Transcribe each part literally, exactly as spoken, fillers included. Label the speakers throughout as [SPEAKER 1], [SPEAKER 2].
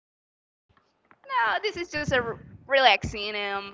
[SPEAKER 1] discussing. No, this is just a r- relaxing, um,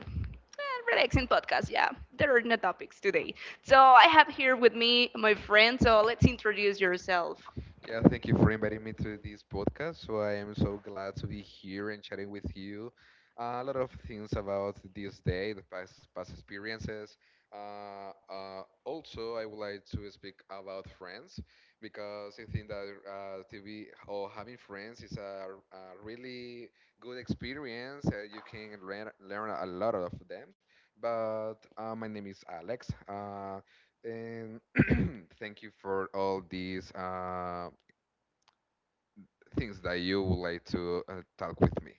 [SPEAKER 1] eh, relaxing podcast. Yeah, there are no topics today. So I have here with me my friend. So let's introduce yourself.
[SPEAKER 2] Yeah, thank you for inviting me to this podcast. So I am so glad to be here and chatting with you. Uh, a lot of things about this day, the past past experiences. Uh, uh, also, I would like to speak about friends because I think that uh, T V or having friends is a, a really good experience. Uh, you can learn learn a lot of them. But uh, my name is Alex. Uh, and thank you for all these. Uh, things that you would like to uh, talk with me.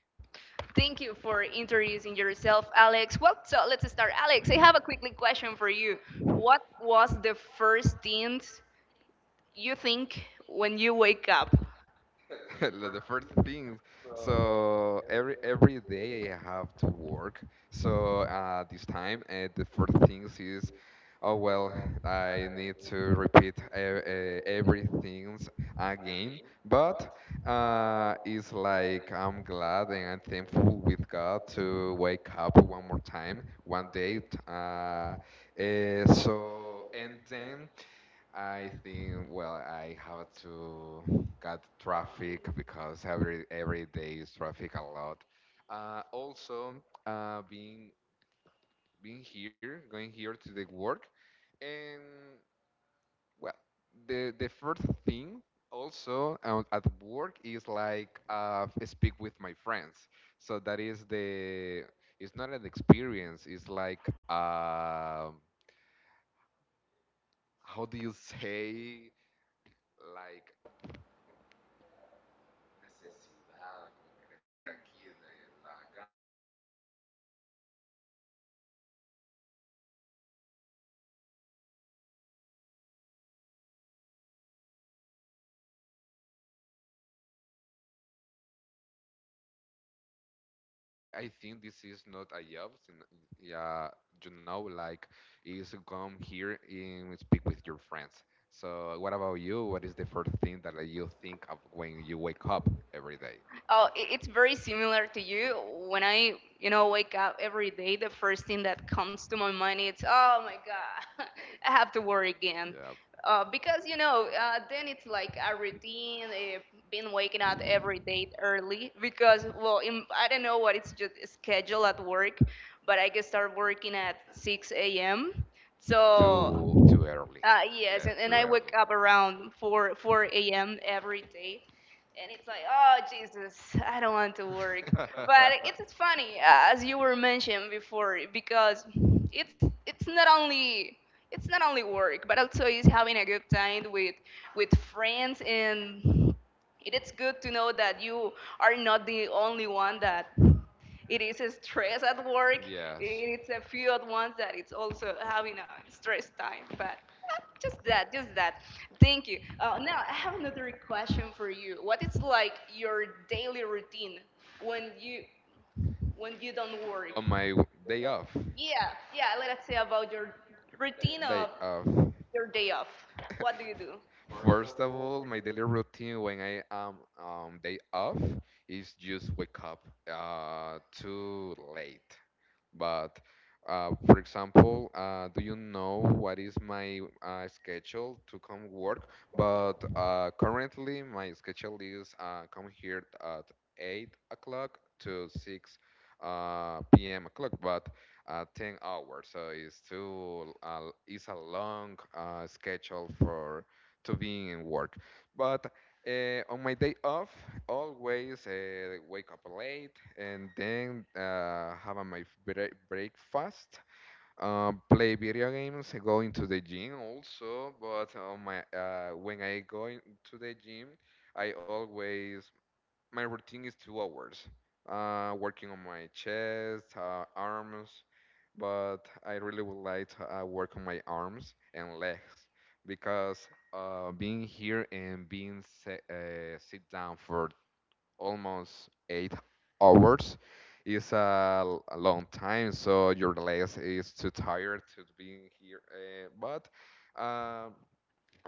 [SPEAKER 1] Thank you for introducing yourself, Alex. Well, so let's start, Alex. I have a quickly question for you. What was the first thing you think when you wake up?
[SPEAKER 2] Like the first thing, so every every day I have to work. So uh, this time, uh, the first things is, oh well, I need to repeat e- e- everything again. But uh, it's like I'm glad and I'm thankful with God to wake up one more time, one day. T- Uh, uh, so and then. I think, well, I have to cut traffic because every every day is traffic a lot. Uh, also, uh, being being here, going here to the work, and well, the the first thing also uh, at work is like uh, speak with my friends. So that is the it's not an experience. It's like uh, how do you say like I think this is not a job. sin- Yeah, you know, like is come here and speak with your friends. So, what about you? What is the first thing that, like, you think of when you wake up every day?
[SPEAKER 1] Oh, i- it's very similar to you. When I, you know, wake up every day, the first thing that comes to my mind is, oh my God, I have to work again.
[SPEAKER 2] Yeah,
[SPEAKER 1] Uh, because, you know, uh, then it's like a routine, I've been waking up every day early. Because, well, in, I don't know what it's just schedule at work, but I can start working at six a m. So
[SPEAKER 2] too too early.
[SPEAKER 1] Uh, yes,
[SPEAKER 2] Yeah,
[SPEAKER 1] and, and
[SPEAKER 2] too
[SPEAKER 1] I wake
[SPEAKER 2] early.
[SPEAKER 1] up around 4 4 a.m. every day, and it's like, oh Jesus, I don't want to work. But it's, it's funny, uh, as you were mentioning before, because it's it's not only it's not only work, but also is having a good time with with friends, and it is good to know that you are not the only one that it is a stress at work. Yeah.
[SPEAKER 2] Yes.
[SPEAKER 1] It's a few at once that it's also having a stress time, but uh, just that, just that. Thank you. Uh, now I have another question for you. What is like your daily routine when you when you don't work?
[SPEAKER 2] On my w- day off,
[SPEAKER 1] Yeah, yeah. Let's say about your
[SPEAKER 2] day
[SPEAKER 1] routine of
[SPEAKER 2] off.
[SPEAKER 1] your day off. What do you do?
[SPEAKER 2] First of all, my daily routine when I am um, day off is just wake up uh, too late. But uh, for example, uh, do you know what is my uh, schedule to come work? But uh, currently, my schedule is uh, come here at eight o'clock to six uh, p m o'clock, but uh, ten hours. So it's too uh, it's a long uh, schedule for to be in work. But uh, on my day off, always uh, wake up late and then uh, have a my break breakfast, uh, play video games, go into the gym also. But on my uh, when I go in- to the gym, I always my routine is two hours uh, working on my chest uh, arms, but I really would like to uh, work on my arms and legs because uh, being here and being se- uh, sit down for almost eight hours is a, l- a long time, so your legs is too tired to being here uh, but uh,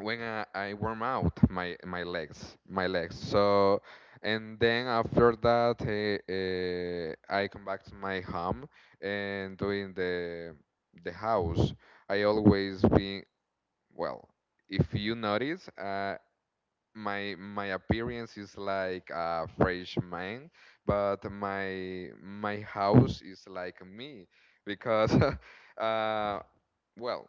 [SPEAKER 2] when I, I warm out my my legs my legs, so and then after that uh, uh, I come back to my home and doing the the house. I always been, well, if you notice uh, my my appearance is like a fresh man, but my my house is like me because uh, well,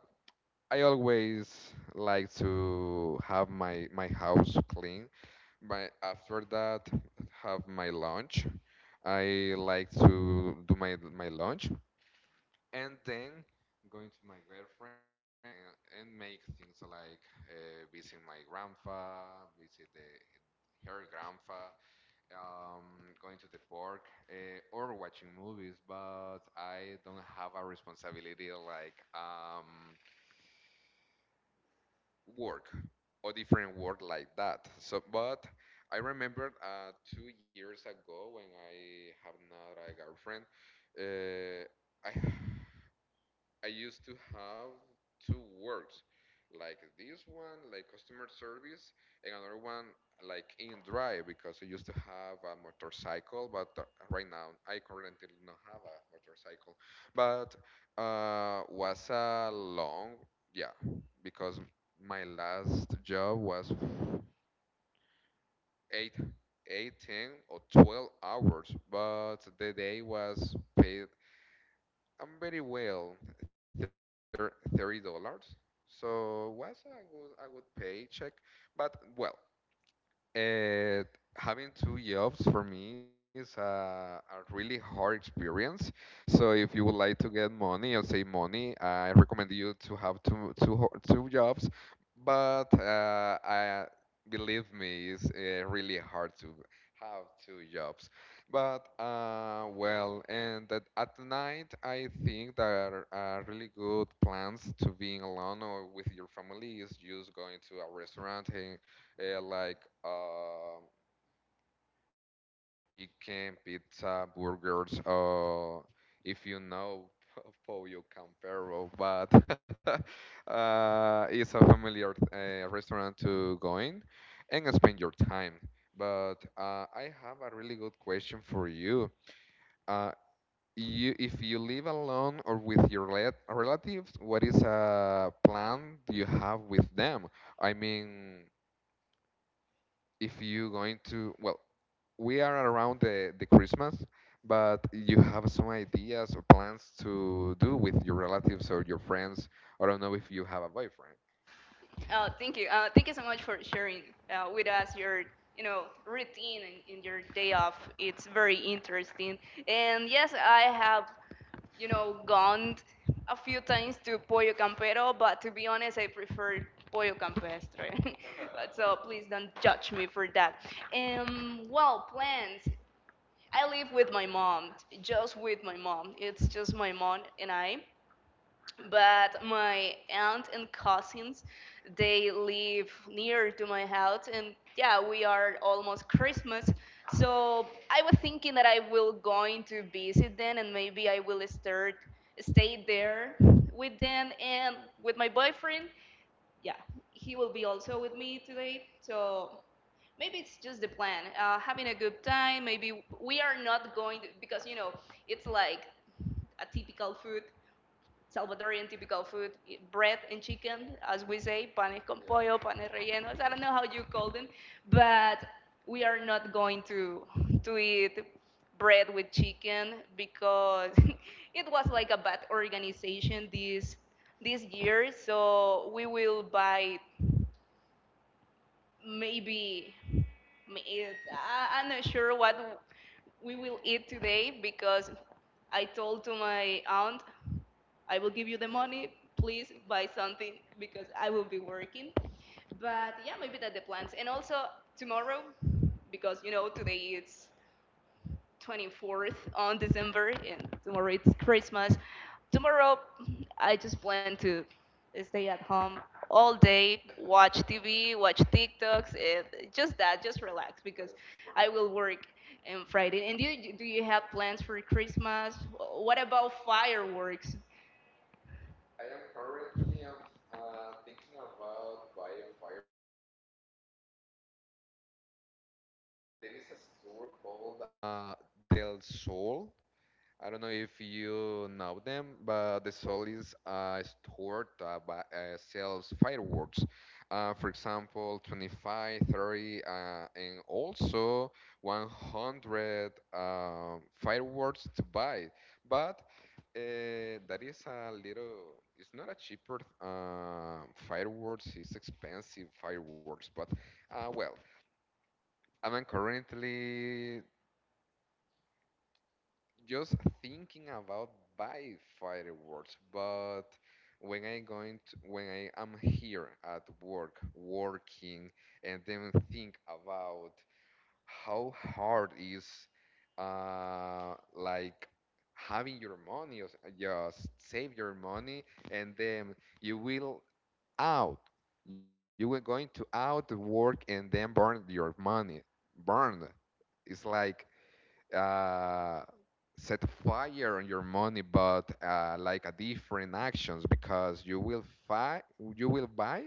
[SPEAKER 2] I always like to have my my house clean, but after that, have my lunch. I like to do my my lunch and then going to my girlfriend and and make things like uh, visit my grandpa, visit the, her grandpa, um, going to the park uh, or watching movies. But I don't have a responsibility like um work or different work like that. So, but I remember uh, two years ago when I have not a girlfriend, uh, I I used to have two works, like this one, like customer service, and another one like in drive because I used to have a motorcycle, but uh, right now I currently not have a motorcycle, but uh, was a long, yeah, because my last job was eight, eighteen or twelve hours, but the day was paid I'm very well, thir- thirty dollars. So was a good a good paycheck, but well, uh, having two jobs for me is a, a really hard experience. So if you would like to get money or save money, I recommend you to have two two ho- two jobs. But uh, I believe me, it's uh, really hard to have two jobs. But uh, well, and that at night, I think that uh, really good plans to being alone or with your family is just going to a restaurant hang, uh, like uh, chicken, pizza, burgers. Uh, if you know Pollo Campero, but uh, it's a familiar uh, restaurant to go in and spend your time. But uh, I have a really good question for you. Uh, you, if you live alone or with your rela- relatives, what is a plan you have with them? I mean, if you going to, well, we are around the, the Christmas, but you have some ideas or plans to do with your relatives or your friends. I don't know if you have a boyfriend.
[SPEAKER 1] Oh, thank you. Uh, thank you so much for sharing uh, with us your, you know, routine and, and your day off. It's very interesting. And yes, I have, you know, gone a few times to Pollo Campero, but to be honest, I prefer Pollo Campestre. but so please don't judge me for that. Um, well, plans. I live with my mom, just with my mom. It's just my mom and I, but my aunt and cousins, they live near to my house. And yeah, we are almost Christmas, so I was thinking that I will going to visit them, and maybe I will start stay there with them and with my boyfriend. Yeah, he will be also with me today. So maybe it's just the plan. Uh, having a good time, maybe we are not going to, because you know it's like a typical food Salvadorian typical food, bread and chicken, as we say, panes con pollo, panes rellenos. I don't know how you call them, but we are not going to to eat bread with chicken because it was like a bad organization this this year. So we will buy maybe meat. I, I'm not sure what we will eat today because I told to my aunt I will give you the money. Please buy something because I will be working. But yeah, maybe that the plans. And also tomorrow, because you know today it's twenty-fourth on December and tomorrow it's Christmas. Tomorrow, I just plan to stay at home all day, watch T V, watch TikToks, and just that, just relax because I will work on Friday. And do you, do you have plans for Christmas? What about fireworks?
[SPEAKER 2] Uh, Del Sol, I don't know if you know them, but the Sol is a store that buy, uh, sells fireworks. Uh, for example, twenty-five, thirty, uh, and also one hundred uh, fireworks to buy. But uh, that is a little, it's not a cheaper uh, fireworks, it's expensive fireworks. But uh, well, I'm currently just thinking about buy fireworks, but when I going to, when I am here at work working and then think about how hard is uh like having your money or s- just save your money and then you will out you were going to out work and then burn your money, burn, it's like uh, set fire on your money, but uh, like a different actions because you will fi- you will buy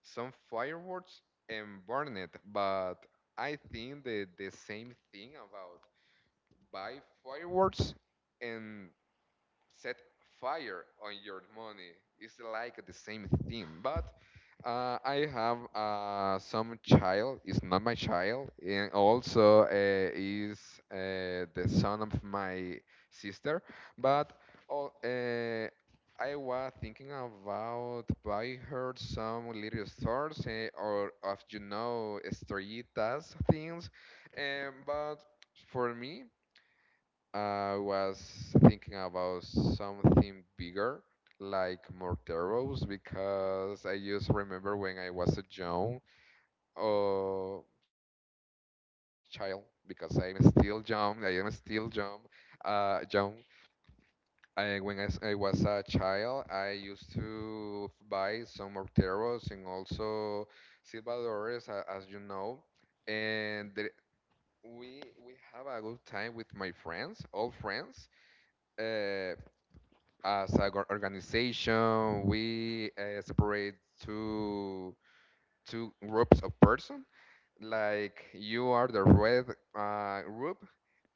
[SPEAKER 2] some fireworks and burn it. But I think the the same thing about buy fireworks and set fire on your money. It's like the same thing, but uh, I have uh, some child. It's not my child, and also uh, is uh, the son of my sister. But all, uh, I was thinking about buy her some little stores, eh, or of, you know, estrellitas things, um, but for me. I was thinking about something bigger, like Morteros, because I just remember when I was a young uh, child, because I'm still young, I am still young, uh, young. I, when I, s- I was a child, I used to buy some Morteros and also Silvadores, a- as you know, and the, we we have a good time with my friends, all friends. uh, as an organization, we uh, separate two two groups of person. Like, you are the red uh, group,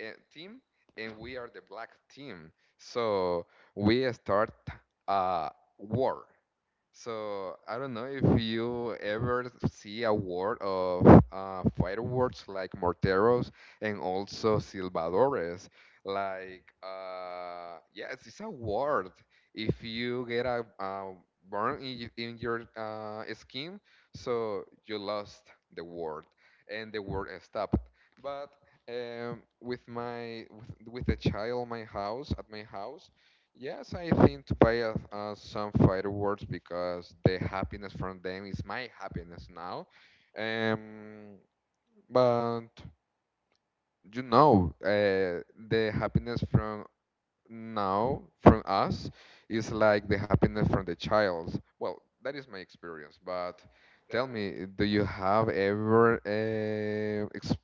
[SPEAKER 2] uh, team, and we are the black team. So we start a war. So I don't know if you ever see a word of uh, fireworks like morteros and also silbadores. Like, uh, yes, it's a word. If you get a, uh, burn in, y- in your uh, skin, so you lost the word, and the word is stopped. But um, with my with, with a child, my house at my house. Yes, I think to buy us uh, some fireworks because the happiness from them is my happiness now. Um, but you know, uh, the happiness from now from us is like the happiness from the child. Well, that is my experience. But tell me, do you have ever uh, ex-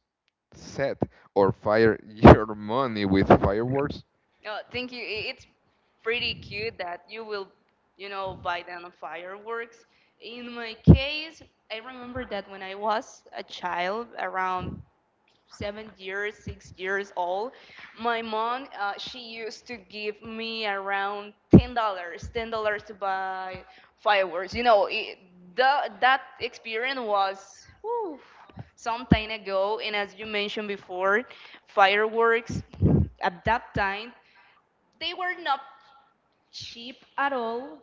[SPEAKER 2] set or fire your money with fireworks?
[SPEAKER 1] Oh, thank you. I- It's pretty cute that you will, you know, buy them fireworks. In my case, I remember that when I was a child, around seven years, six years old, my mom, uh, she used to give me around ten dollars, ten dollars to buy fireworks. You know, it, the, that experience was whew, some time ago, and as you mentioned before, fireworks at that time they were not cheap at all,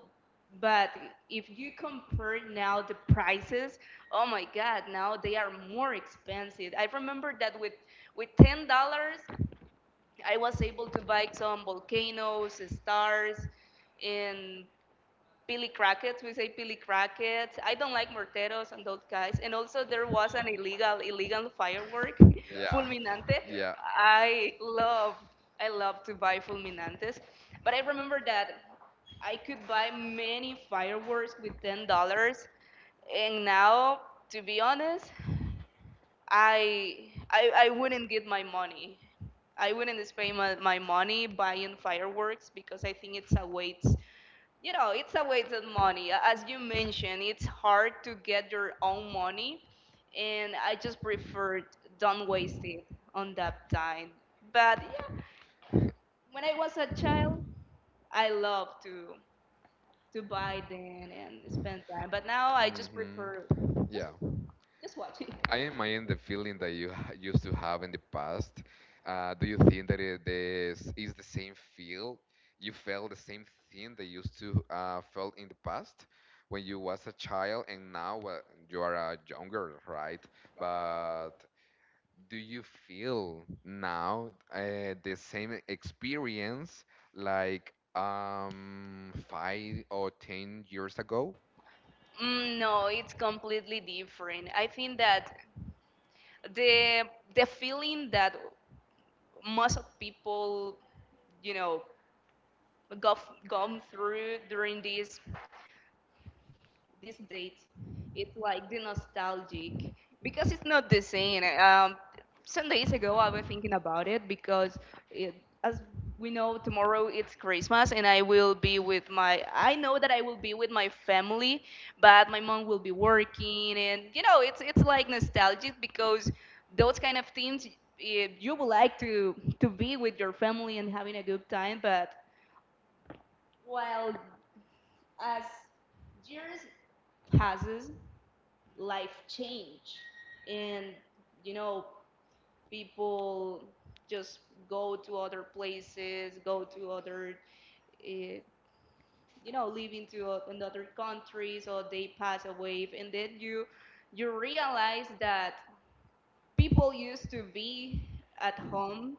[SPEAKER 1] but if you compare now the prices, oh my god, now they are more expensive. I remember that with with ten dollars I was able to buy some volcanoes, stars, and Billy Crackets. We say Billy Crackets. I don't like morteros and those guys. And also there was an illegal illegal firework, yeah.
[SPEAKER 2] Yeah,
[SPEAKER 1] Fulminante. Yeah. I love I love to buy fulminantes, but I remember that I could buy many fireworks with ten dollars, and now to be honest, I I, I wouldn't get my money. I wouldn't spend my, my money buying fireworks because I think it's a waste you know, it's a wasted money. As you mentioned, it's hard to get your own money, and I just prefer don't waste it on that time. But yeah,
[SPEAKER 2] yeah.
[SPEAKER 1] when I was a child, I loved to to buy then and spend time. But now I just
[SPEAKER 2] Hmm.
[SPEAKER 1] prefer
[SPEAKER 2] Yeah.
[SPEAKER 1] just watch it.
[SPEAKER 2] I imagine the feeling that you ha- used to have in the past. Uh, do you think that it is, is the same feel? You felt the same thing that you used to uh, felt in the past when you was a child, and now uh, you are a younger, right? But do you feel now uh, the same experience like um, five or ten years ago?
[SPEAKER 1] Mm, no, it's completely different. I think that the the feeling that most of people, you know, go gone through during this this date it's like the nostalgic because it's not the same. Um, some days ago I was thinking about it because, it, as we know, tomorrow it's Christmas, and I will be with my I know that I will be with my family, but my mom will be working. And you know it's it's like nostalgic because those kind of things, eh, you would like to to be with your family and having a good time. But while as years passes life change, and you know people just go to other places, go to other uh, you know live into o- in other countries, or they pass away. And then you you realize that people used to be at home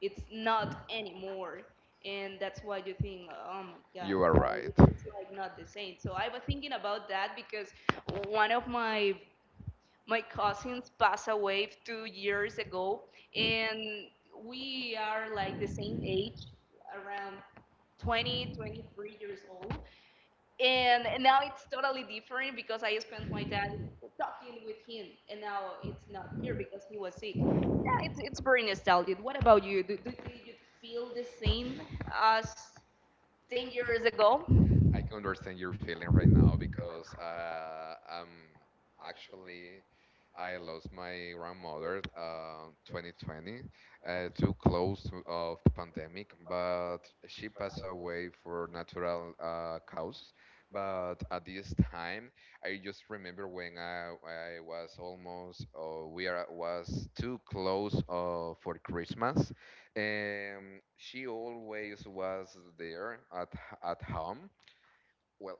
[SPEAKER 1] it's not anymore. And that's why you think, oh my god,
[SPEAKER 2] You are
[SPEAKER 1] right,
[SPEAKER 2] right.
[SPEAKER 1] it's like not the same. So I was thinking about that because one of my my cousins passed away two years ago, and we are like the same age, around twenty, twenty-three years old. And now it's totally different because I spent my time talking with him, and now it's not here because he was sick. Yeah, it's, it's very nostalgic. What about you? Do, do, do you feel the same as ten years ago?
[SPEAKER 2] I can understand your feeling right now because uh, I'm actually I lost my grandmother uh, twenty twenty, uh, too close to, of the pandemic, but she passed away for natural uh, causes. But at this time, I just remember when I, I was almost uh, we are was too close uh, for Christmas, and she always was there at h- at home. Well,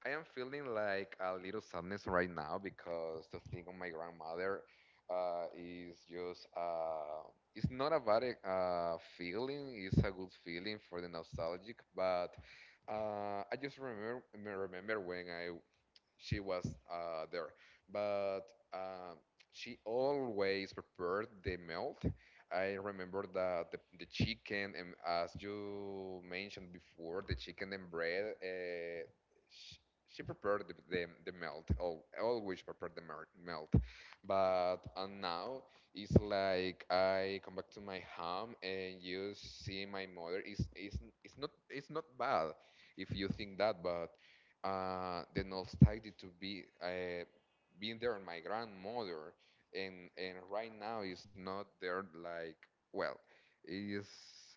[SPEAKER 2] I am feeling like a little sadness right now because the thing of my grandmother uh, is just uh, it's not a bad uh, feeling. It's a good feeling for the nostalgic, but uh, I just remember me remember when I she was uh, there. But um, she always prepared the melt. I remember that the, the chicken, and as you mentioned before, the chicken and bread, uh, she, she prepared the, the, the melt, al- always prepared the mer- melt. But and now it's like I come back to my home and you see my mother. It's, it's, it's, not, it's not bad if you think that, but uh, the nostalgia to be uh, being there on my grandmother and and right now is not there, like, well, it's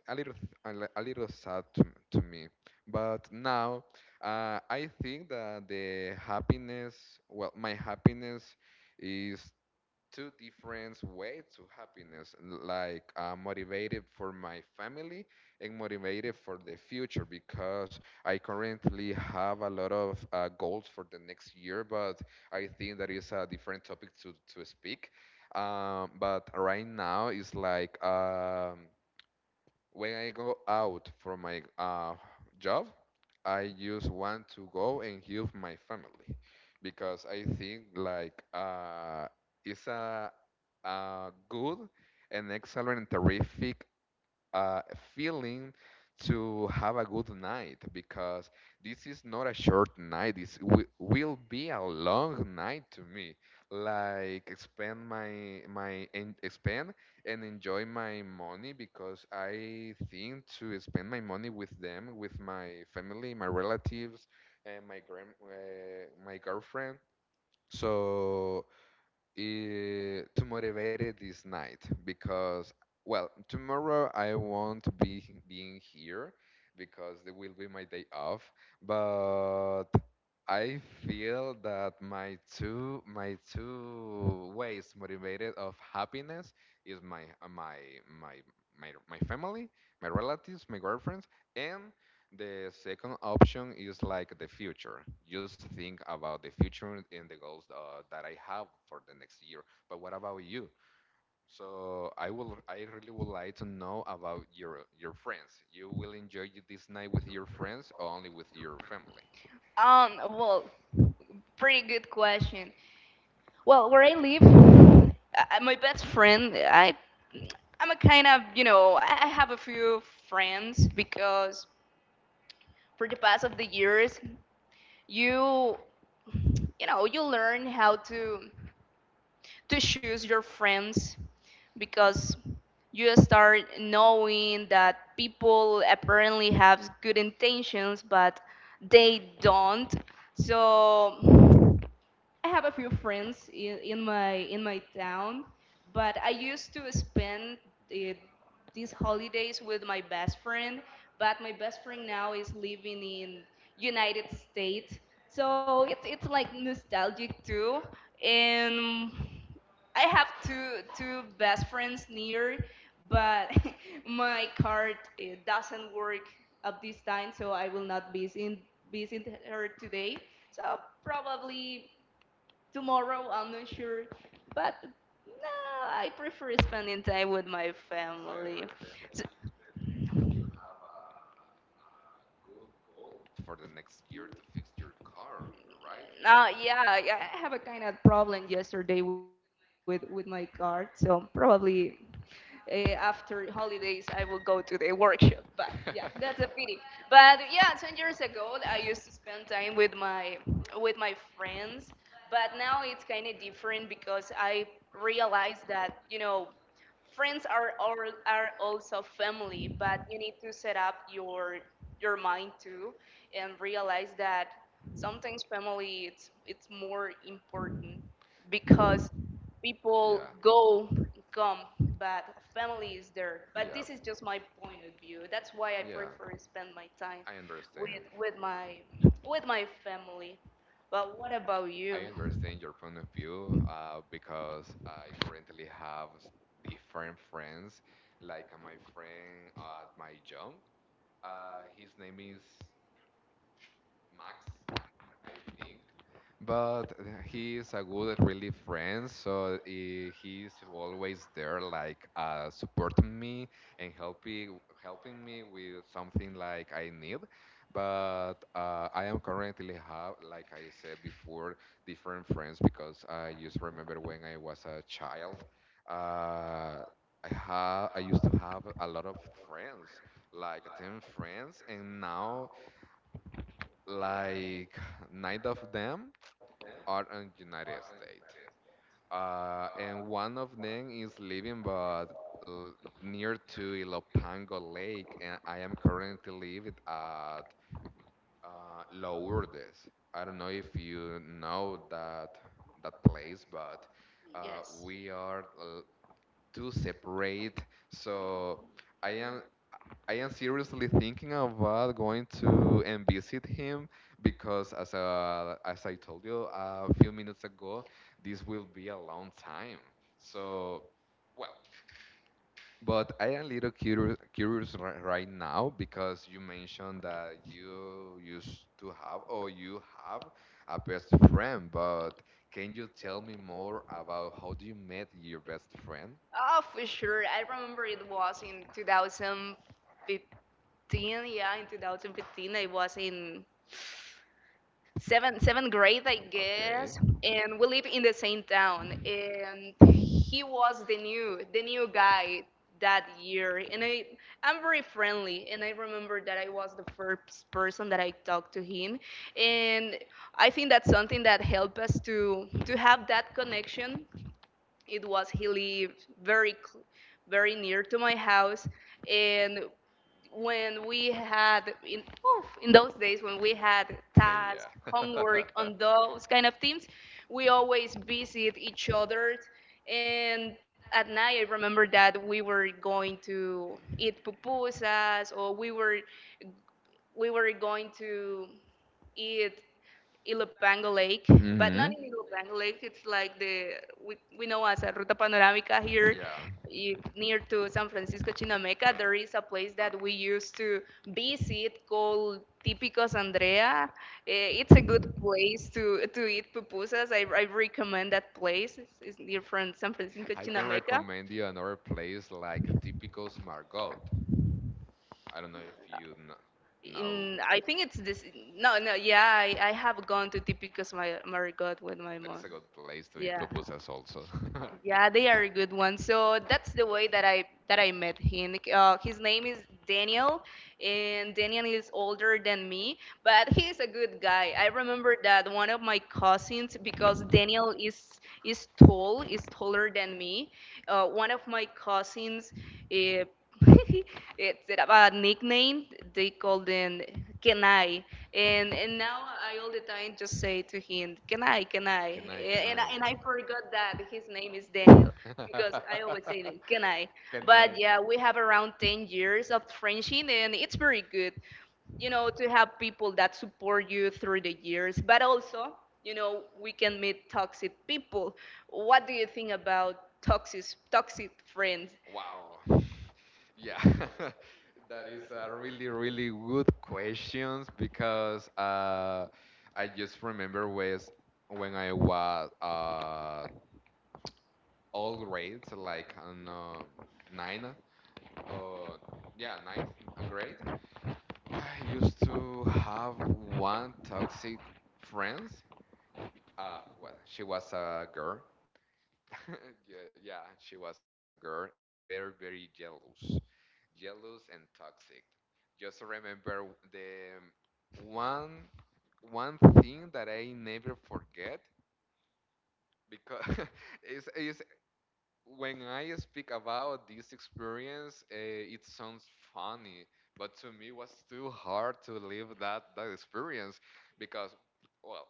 [SPEAKER 2] a little th- a, li- a little sad to, m- to me. But now, uh, I think that the happiness well my happiness is two different way to happiness. Like, I motivated for my family and motivated for the future, because I currently have a lot of uh, goals for the next year, but I think that is a different topic to, to speak. Um, but right now it's like, um, when I go out from my uh, job, I just want to go and help my family, because I think, like, uh, it's a uh, good and excellent and terrific uh, feeling to have a good night, because this is not a short night. This wi- will be a long night to me. Like, spend my my en- spend and enjoy my money, because I think to spend my money with them, with my family, my relatives, and my grand uh, my girlfriend. So, eh, to motivate it this night, because, well, tomorrow I won't be being here, because it will be my day off. But I feel that my two my two ways motivated of happiness is my uh, my my my, my family, my relatives, my girlfriends, and the second option is like the future. Just think about the future and the goals uh, that I have for the next year. But what about you? So I will, I really would like to know about your your friends. You will enjoy this night with your friends, or only with your family,
[SPEAKER 1] Um, well, pretty good question. Well, where I live, I, my best friend, I, I'm a kind of, you know, I I have a few friends because for the past of the years, you, you know, you learn how to to choose your friends because you start knowing that people apparently have good intentions, but they don't. So I have a few friends in, in my in my town, but I used to spend uh, these holidays with my best friend. But my best friend now is living in United States, so it's it's like nostalgic too. And I have two two best friends near, but my card uh, doesn't work at this time, so I will not be in visit her today. So probably tomorrow I'm not sure, but no, I prefer spending time with my family. So,
[SPEAKER 2] for the next year, to fix your car, right?
[SPEAKER 1] uh, yeah, i I have a kind of problem yesterday with with my car, so probably uh, after holidays I will go to the workshop. But yeah, that's a pity. But yeah, ten years ago I used to spend time with my with my friends, but now it's kind of different because I realized that you know friends are all, are also family, but you need to set up your your mind too, and realize that sometimes family it's it's more important because people
[SPEAKER 2] Yeah,
[SPEAKER 1] go and come but family is there. But
[SPEAKER 2] yeah,
[SPEAKER 1] this is just my point of view. That's why I
[SPEAKER 2] yeah.
[SPEAKER 1] prefer to spend my time
[SPEAKER 2] I
[SPEAKER 1] with
[SPEAKER 2] understand.
[SPEAKER 1] with my with my family. But what about you?
[SPEAKER 2] I understand your point of view, uh, because I currently have s- different friends. Like, uh, my friend at my job, uh, his name is Max, I think. But uh, he is a good, really friend, so he, he's always there, like, uh, supporting me and helping helping me with something like I need. But uh, I am currently have, like I said before, different friends, because I just remember when I was a child. Uh, I ha I used to have a lot of friends, like ten friends, and now like nine of them are in United States, uh, and one of them is living, but uh, near to Ilopango Lake, and I am currently living at uh, Lourdes. I don't know if you know that that place, but uh,
[SPEAKER 1] Yes.
[SPEAKER 2] we are uh, two separate. So I am I am seriously thinking about going to and visit him, because, as uh, as I told you a few minutes ago, this will be a long time. So, well, but I am a little curious curious ri- right now, because you mentioned that you used to have, or you have, a best friend, but can you tell me more about how do you met your best friend?
[SPEAKER 1] Oh, for sure. I remember it was in twenty fifteen. Yeah, in two thousand fifteen, I was in seventh seventh grade, I
[SPEAKER 2] Okay.
[SPEAKER 1] guess, and we live in the same town. And he was the new the new guy that year, and I I'm very friendly, and I remember that I was the first person that I talked to him, and I think that's something that helped us to to have that connection. It was he lived very very near to my house, and when we had in oof, in those days when we had task
[SPEAKER 2] Yeah.
[SPEAKER 1] homework on those kind of things, we always visit each other, and at night I remember that we were going to eat pupusas or we were we were going to eat Ilopango Lake, but not
[SPEAKER 2] Hmm.
[SPEAKER 1] in Ilopango Lake. It's like the we, we know as a Ruta Panorámica here,
[SPEAKER 2] Yeah.
[SPEAKER 1] you, near to San Francisco Chinameca. There is a place that we used to visit called Típicos Andrea. Eh, It's a good place to to eat pupusas. I, I recommend that place. It's, it's near from San Francisco
[SPEAKER 2] I can
[SPEAKER 1] Chinameca.
[SPEAKER 2] recommend you another place, like typical Margot. I don't know if you kn- know
[SPEAKER 1] In I think it's this. No, no, yeah, I, I have gone to Típicos Mar- Marigot with my
[SPEAKER 2] that is
[SPEAKER 1] mom.
[SPEAKER 2] a good place to eat
[SPEAKER 1] Yeah.
[SPEAKER 2] pupusas also.
[SPEAKER 1] Yeah, they are good ones. So that's the way that I that I met him. Uh, his name is Daniel, and Daniel is older than me, but he is a good guy. I remember that one of my cousins, because Daniel is is tall, is taller than me. Uh, one of my cousins, uh, it's a nickname. They called him Can I? And and now I all the time just say to him, Can I? Can I?
[SPEAKER 2] Can I? Can
[SPEAKER 1] A- And I,
[SPEAKER 2] I?
[SPEAKER 1] and I forgot that his name is Daniel because I always say him, Can I?
[SPEAKER 2] Can
[SPEAKER 1] But
[SPEAKER 2] I?
[SPEAKER 1] yeah, we have around ten years of friendship, and it's very good, you know, to have people that support you through the years, but also, you know, we can meet toxic people. What do you think about toxic toxic friends?
[SPEAKER 2] Wow. Yeah. That is a really, really good questions, because, uh, I just remember was when I was uh all grades, like on, um, nine, or, yeah, ninth grade. I used to have one toxic friend. Uh, well, she was a girl. Yeah, yeah, she was a girl, and very, very jealous, jealous and toxic. Just remember the one one thing that I never forget, because is is when I speak about this experience, uh, it sounds funny, but to me was too hard to live that that experience, because, well,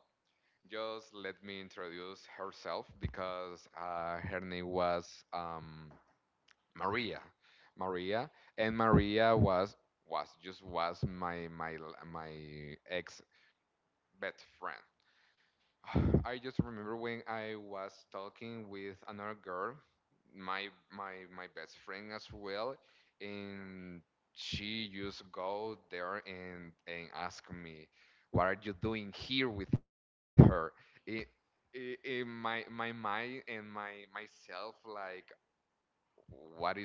[SPEAKER 2] just let me introduce herself, because uh, her name was, um, Maria. Maria and Maria was was just was my my l- my ex best friend. I just remember when I was talking with another girl, my my my best friend as well, and she just go there, and and ask me, "What are you doing here with her?" It, it, it- my my mind and my myself, like,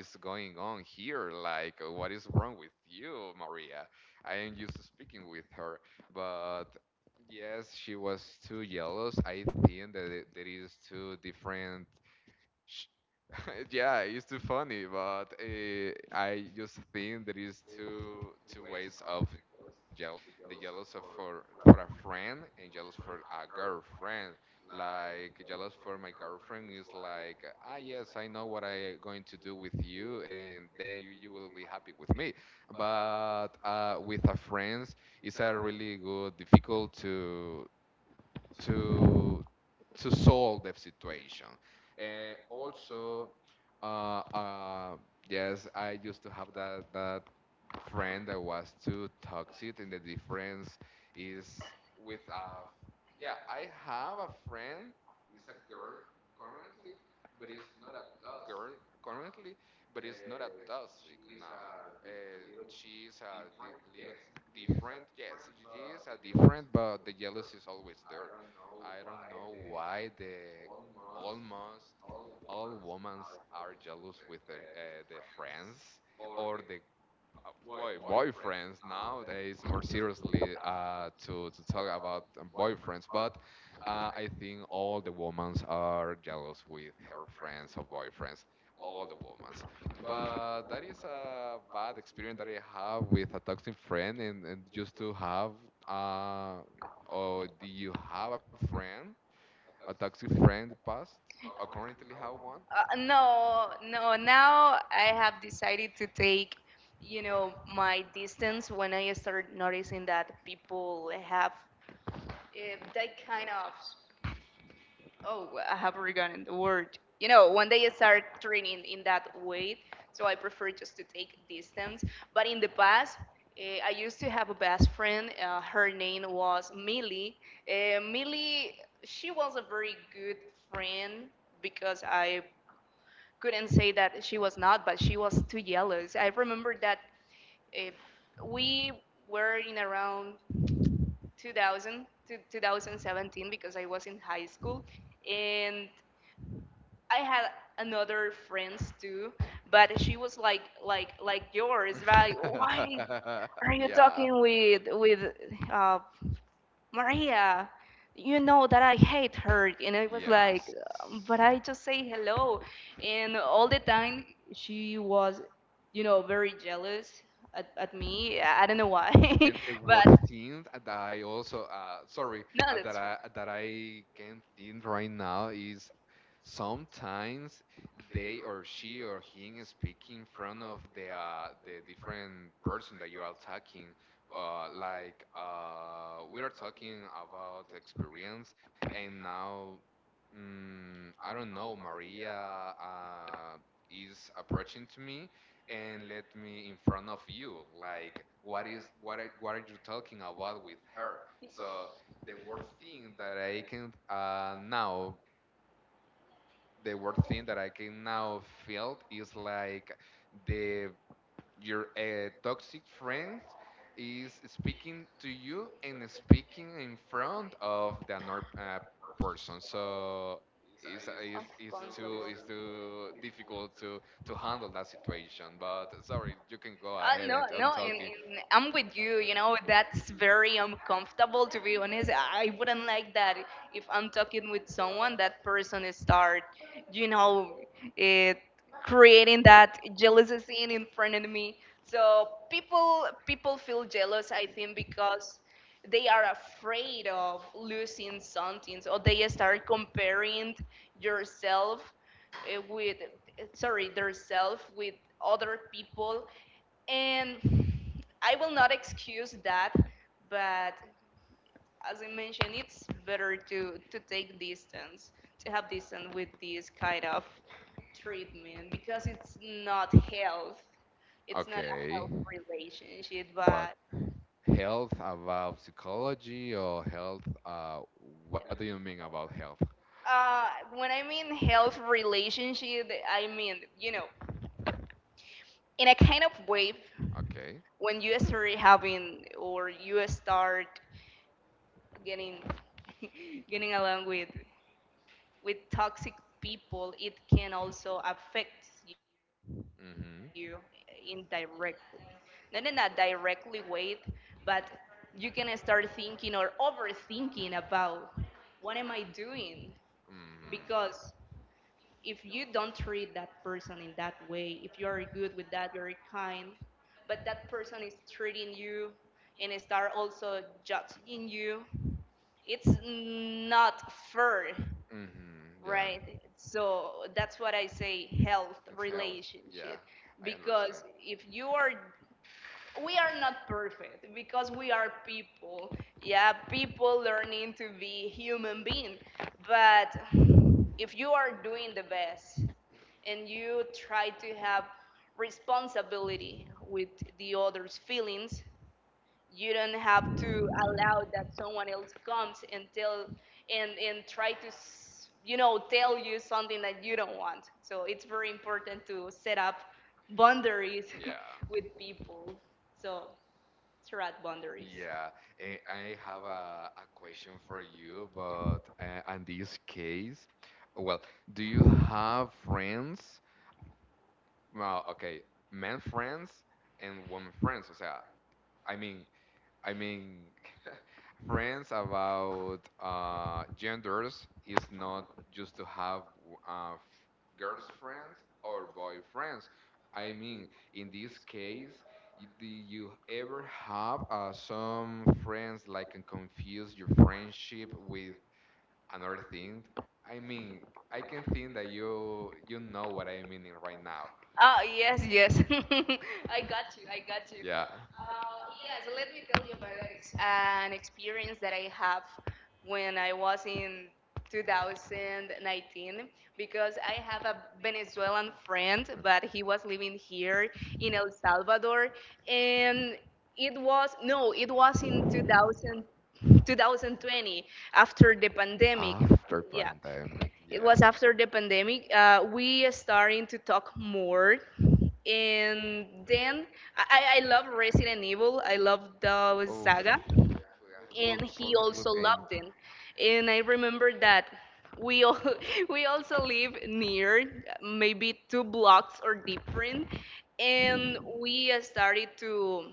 [SPEAKER 2] what is going on here? Like, uh, what is wrong with you, Maria? I am used to speaking with her, but, yes, she was too jealous. I think that, it- there is two different sh- yeah, it's too funny, but, uh, I just think there is two two ways of jealous. The jealous of for for a friend, and jealous for a girlfriend. Like, jealous for my girlfriend is like, ah, yes, I know what I going to do with you, and then you, you will be happy with me. But, uh, with a friends, it's a really good difficult to to to solve the situation. Uh, also, uh, uh, yes, I used to have that that friend that was too toxic, and the difference is with a, yeah. I have a friend. It's a girl currently, but it's not a toxic now. Uh, she's a di- little different. Yes, CG C G Gs are different, but the jealous is always there. I don't know why the almost all women are jealous with their uh, their friends, or the uh, boy boyfriends, nowadays more seriously, uh, to to talk about, um, boyfriends, but, uh, I think all the women are jealous with her friends or boyfriends. All the women, but that is a bad experience that I have with a toxic friend, and, and just to have, uh, or do you have a friend, a toxic friend in the past, or currently have one?
[SPEAKER 1] Uh, no, no. Now I have decided to take, you know, my distance when I start noticing that people have uh, that kind of, oh, I have forgotten the word. You know, when they start training in that way, so I prefer just to take distance. But in the past, uh, I used to have a best friend. Uh, her name was Millie. Uh, Millie, she was a very good friend, because I couldn't say that she was not, but she was too jealous. I remember that uh, we were in around two thousand to two thousand seventeen, because I was in high school, and I had another friends too, but she was like like like yours, right? Why are you
[SPEAKER 2] Yeah.
[SPEAKER 1] talking with with uh, Maria? You know that I hate her. And I was like,
[SPEAKER 2] Yes.
[SPEAKER 1] but I just say hello. And all the time she was, you know, very jealous at, at me. I I don't know why,
[SPEAKER 2] And the
[SPEAKER 1] but
[SPEAKER 2] worst thing that I also, uh, sorry,
[SPEAKER 1] no,
[SPEAKER 2] uh,
[SPEAKER 1] that's
[SPEAKER 2] that
[SPEAKER 1] fine.
[SPEAKER 2] I that I can think right now, is sometimes they, or she, or him, speak in front of the uh, the different person that you are talking. Uh, like, uh, we are talking about experience, and now, mm, I don't know, Maria uh, is approaching to me, and let me in front of you, like, what is what are, what are you talking about with her? So the word thing that I can uh, now the word thing that I can now feel is like the your uh, toxic friend is speaking to you, and speaking in front of the another uh, person. So it's, it's, it's too it's
[SPEAKER 1] Uncomfortable.
[SPEAKER 2] too difficult to to handle that situation. But, sorry, you can go
[SPEAKER 1] Uh,
[SPEAKER 2] ahead,
[SPEAKER 1] no,
[SPEAKER 2] and I'm
[SPEAKER 1] no, and,
[SPEAKER 2] talking.
[SPEAKER 1] and I'm with you. You know, that's very uncomfortable, to be honest. I I wouldn't like that. If I'm talking with someone, that person start, you know, it, creating that jealousy scene in front of me. So people people feel jealous, I think, because they are afraid of losing something, or they start comparing yourself uh, with, sorry, their self with other people, and I will not excuse that, but as I mentioned, it's better to, to take distance, to have distance with this kind of treatment, because it's not health. It's not a
[SPEAKER 2] Okay,
[SPEAKER 1] health relationship.
[SPEAKER 2] but
[SPEAKER 1] But
[SPEAKER 2] health, about psychology, or health? Uh, what do you mean about health?
[SPEAKER 1] uh, when I mean health relationship, I mean, you know, in a kind of way,
[SPEAKER 2] Okay.
[SPEAKER 1] when you start having, or you start getting getting along with with toxic people, it can also affect you
[SPEAKER 2] Mm-hmm.
[SPEAKER 1] indirectly. Not in a directly way, but you can start thinking or overthinking about, what am I doing?
[SPEAKER 2] Mm-hmm.
[SPEAKER 1] Because if you don't treat that person in that way, if you are good with that, very kind, but that person is treating you and start also judging you, it's not fair.
[SPEAKER 2] Mm-hmm. Yeah.
[SPEAKER 1] Right. So that's what I say, health
[SPEAKER 2] It's health. Yeah.
[SPEAKER 1] relationship.
[SPEAKER 2] I understand.
[SPEAKER 1] Because if you are, we are not perfect because we are people. Yeah, people learning to be human being. But if you are doing the best and you try to have responsibility with the other's feelings, you don't have to allow that someone else comes and tell and and try to s- you know, tell you something that you don't want. So it's very important to set up boundaries
[SPEAKER 2] Yeah.
[SPEAKER 1] with people. So it's about boundaries.
[SPEAKER 2] Yeah, eh, I have a, a question for you, but, uh, in this case, well, do you have friends? Well, okay, men friends and women friends. O sea, I mean, I mean, friends about, uh, genders is not just to have, uh, f- girlfriends or boyfriends. I mean, in this case, y- do you ever have, uh, some friends like can confuse your friendship with another thing? I mean, I can think that you you know what I mean in right now.
[SPEAKER 1] Oh, yes, yes. I got you. I got you.
[SPEAKER 2] Yeah.
[SPEAKER 1] Uh, yeah, so let me tell you about an ex- an experience that I have when I was in two thousand nineteen, because I have a Venezuelan friend, but he was living here in El Salvador. And it was, no, it was in two thousand, twenty twenty, after the pandemic.
[SPEAKER 2] After
[SPEAKER 1] Yeah.
[SPEAKER 2] pandemic,
[SPEAKER 1] It
[SPEAKER 2] yeah.
[SPEAKER 1] was after the pandemic. Uh, we starting to talk more, and then I, I love Resident Evil. I love
[SPEAKER 2] Oof,
[SPEAKER 1] the saga,
[SPEAKER 2] a good,
[SPEAKER 1] and
[SPEAKER 2] po- a
[SPEAKER 1] he
[SPEAKER 2] good
[SPEAKER 1] also
[SPEAKER 2] game.
[SPEAKER 1] loved them. And I remember that we all we also live near, maybe two blocks or different, and we started to,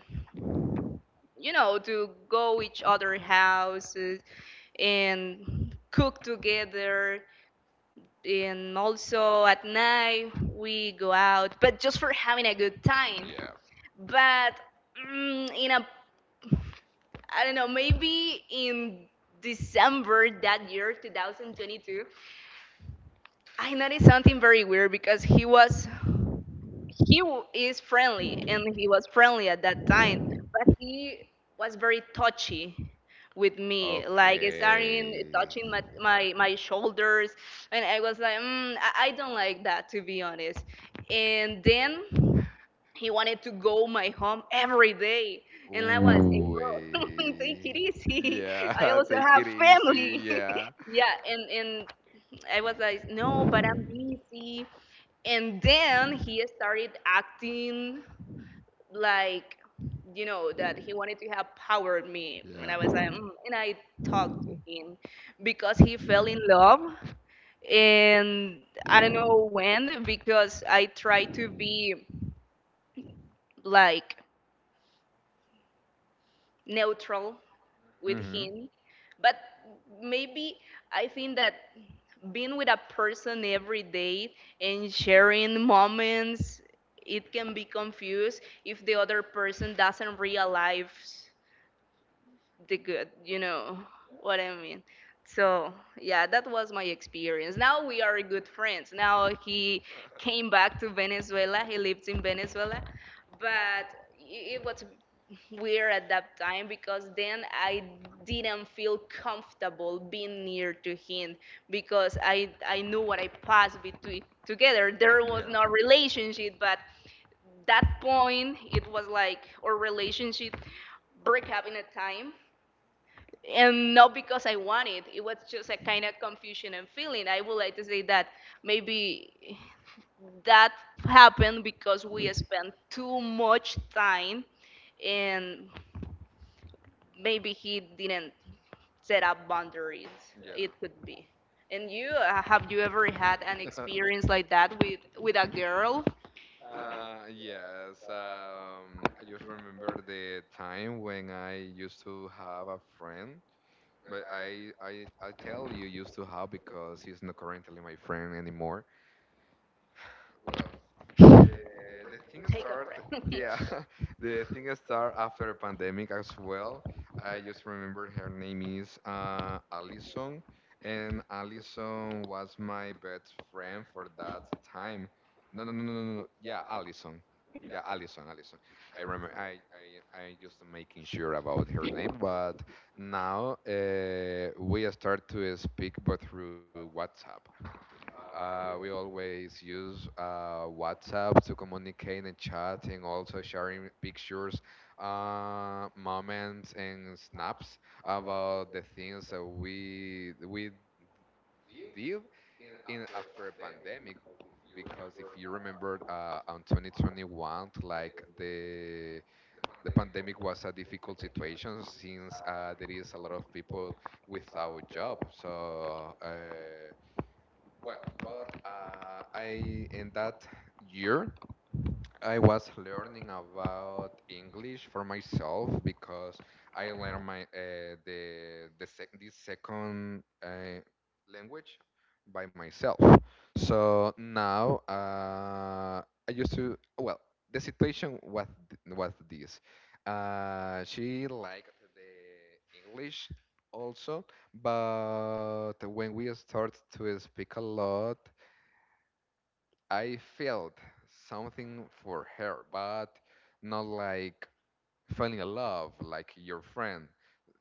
[SPEAKER 1] you know, to go each other houses and cook together, and also at night we go out, but just for having a good time.
[SPEAKER 2] Yeah.
[SPEAKER 1] But mm, in a, I don't know, maybe in December that year, twenty twenty-two, I noticed something very weird, because he was he w- is friendly, and he was friendly at that time, but he was very touchy with me, like starting
[SPEAKER 2] Okay.
[SPEAKER 1] touching my, my my shoulders, and I was like, mm, I, I don't like that, to be honest. And then he wanted to go my home every day, and I was, hey
[SPEAKER 2] Ooh.
[SPEAKER 1] bro, take it
[SPEAKER 2] eh.
[SPEAKER 1] easy, I
[SPEAKER 2] Yeah,
[SPEAKER 1] also
[SPEAKER 2] take
[SPEAKER 1] have
[SPEAKER 2] it easy.
[SPEAKER 1] family.
[SPEAKER 2] Yeah.
[SPEAKER 1] Yeah. And and I was like, no, but I'm busy. And then he started acting like, you know, that he wanted to have power with me, and
[SPEAKER 2] Yeah.
[SPEAKER 1] I was like, mm. And I talked to him, because he fell in love, and I don't know when, because I tried to be like neutral with
[SPEAKER 2] Mm-hmm.
[SPEAKER 1] him. But maybe I think that being with a person every day and sharing moments, it can be confused if the other person doesn't realize the good, you know what I mean. So, yeah, that was my experience. Now we are good friends. Now he came back to Venezuela, he lives in Venezuela, but it it was weird at that time, because then I didn't feel comfortable being near to him, because I I knew what I passed between together. There was
[SPEAKER 2] Yeah.
[SPEAKER 1] no relationship, but that point it was like our relationship break up in a time, and not because I wanted. It was just a kind of confusion and feeling. I would like to say that maybe that happened because we spent too much time, and maybe he didn't set up boundaries.
[SPEAKER 2] Yeah.
[SPEAKER 1] It could be. And you, uh, have you ever had an experience like that with with a girl?
[SPEAKER 2] Uh, yes, um, I just remember the time when I used to have a friend, but I, I, I tell you used to have, because he's not currently my friend anymore. Well, the the thing
[SPEAKER 1] Take
[SPEAKER 2] start,
[SPEAKER 1] a breath.
[SPEAKER 2] yeah, the thing start after a pandemic as well. I just remember her name is, uh, Alison, and Alison was my best friend for that time. No, no, no, no, no, no. Yeah, Alison. Yeah, Alison, Alison. I remember. I, I, I just making sure about her name, but now, uh, we start to speak, but through WhatsApp. Uh, we always use, uh, WhatsApp to communicate and chat, and also sharing pictures, uh, moments, and snaps about the things that we we did in after a pandemic. Because, if you remember, uh, on twenty twenty-one, like, the the pandemic was a difficult situation, since, uh, there is a lot of people without job. So. Uh, well, but, uh, I in that year, I was learning about English for myself, because I learned my uh, the the sec this second uh, language by myself. So now, uh, I used to well, the situation was th- was this. Uh, she liked the English also, but when we start to speak a lot. I felt something for her, but not like falling in love like your friend,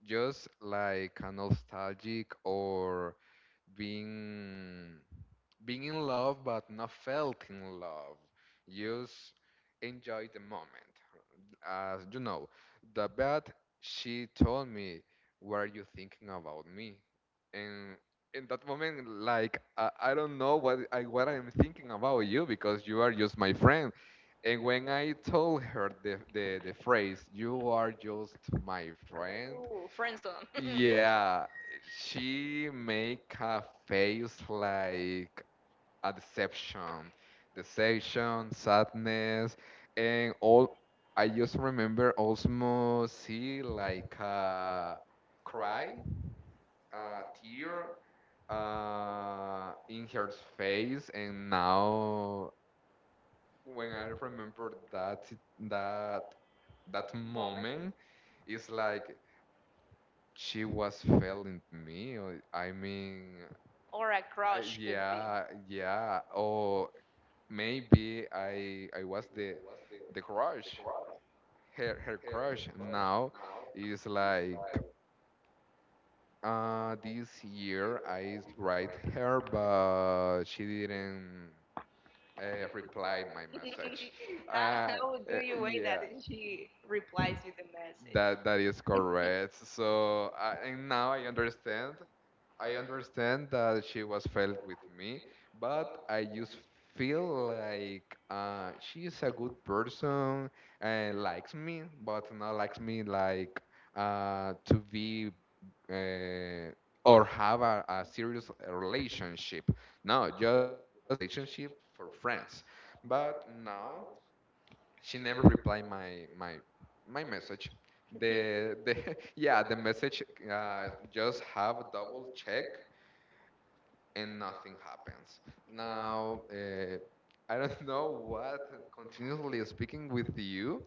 [SPEAKER 2] just like a nostalgic, or being being in love, but not felt in love. Just enjoy the moment. As you know, the bad she told me, "What are you thinking about me?" And in that moment, like, I, I don't know what I what I am thinking about you, because you are just my friend. And when I told her the the, the phrase, "You are just my friend,"
[SPEAKER 1] Ooh, friend zone
[SPEAKER 2] yeah, she make a face like a deception, deception, sadness, and all. I just remember also see like a cry, a tear, uh, in her face, and now when I remember that sit- that that
[SPEAKER 1] moment.
[SPEAKER 2] moment, it's like she was failing me. or- I mean,
[SPEAKER 1] Or a
[SPEAKER 2] I,
[SPEAKER 1] crush could be.
[SPEAKER 2] yeah, yeah. Oh, maybe I I was the the crush. Her her crush now is like, uh this year I write her, but she didn't, uh, reply my message.
[SPEAKER 1] how,
[SPEAKER 2] Uh,
[SPEAKER 1] how do
[SPEAKER 2] uh
[SPEAKER 1] you weigh that?
[SPEAKER 2] yeah.
[SPEAKER 1] And she replies with a
[SPEAKER 2] That that is
[SPEAKER 1] message.
[SPEAKER 2] correct. So I and now I understand I understand that she was felt with me, but I just feel like, uh, she is a good person and likes me, but not likes me like, uh, to be, uh, or have a, a serious relationship. No, just a relationship for friends. But now she never replied my my my message. The the yeah, the message, uh, just have double check, and nothing happens. Now, uh, I don't know what continuously speaking with you,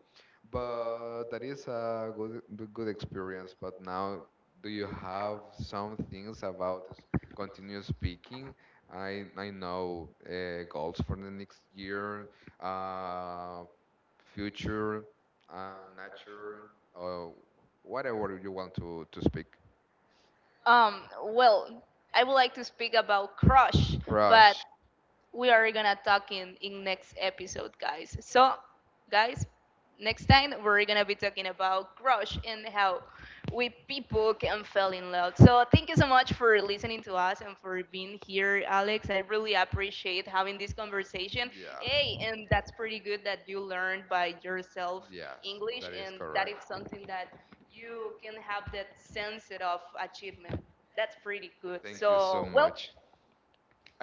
[SPEAKER 2] but that is a good good experience. But now, do you have some things about s- continuous speaking? I I know, uh, goals for the next year, uh, future, uh, nature, or whatever you want to to speak.
[SPEAKER 1] Um, well, I would like to speak about crush, but
[SPEAKER 2] Crush.
[SPEAKER 1] we are gonna talk in, in next episode, guys. So, guys, next time we're gonna be talking about crush and how we people can fall in love. So, thank you so much for listening to us and for being here, Alex. I really appreciate having this conversation.
[SPEAKER 2] Yeah.
[SPEAKER 1] Hey, and that's pretty good that you learned by yourself
[SPEAKER 2] Yes,
[SPEAKER 1] English,
[SPEAKER 2] that is
[SPEAKER 1] and that
[SPEAKER 2] correct.
[SPEAKER 1] is something that you can have that sense of achievement. That's pretty good.
[SPEAKER 2] Thank you so
[SPEAKER 1] So, well,
[SPEAKER 2] much.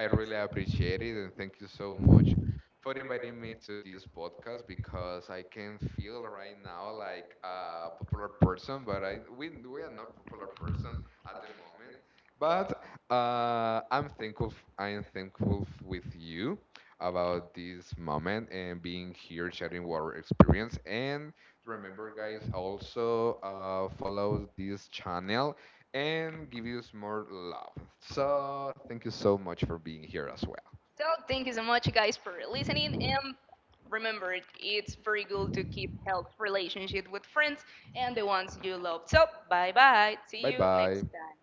[SPEAKER 2] I really appreciate it, and thank you so much for inviting me to this podcast, because I can feel right now like a popular person, but I we we are not popular person at the moment. But, uh, I'm thankful. f- I am thankful f- with you about this moment, and being here sharing our experience. And remember, guys, also, uh, follow this channel, and give us more love. So, thank you so much for being here as well.
[SPEAKER 1] so thank you so much, guys, for listening. And remember, it- it's very good to keep health relationship with friends and the ones you love. So bye bye. See
[SPEAKER 2] Bye
[SPEAKER 1] you next
[SPEAKER 2] bye.
[SPEAKER 1] time.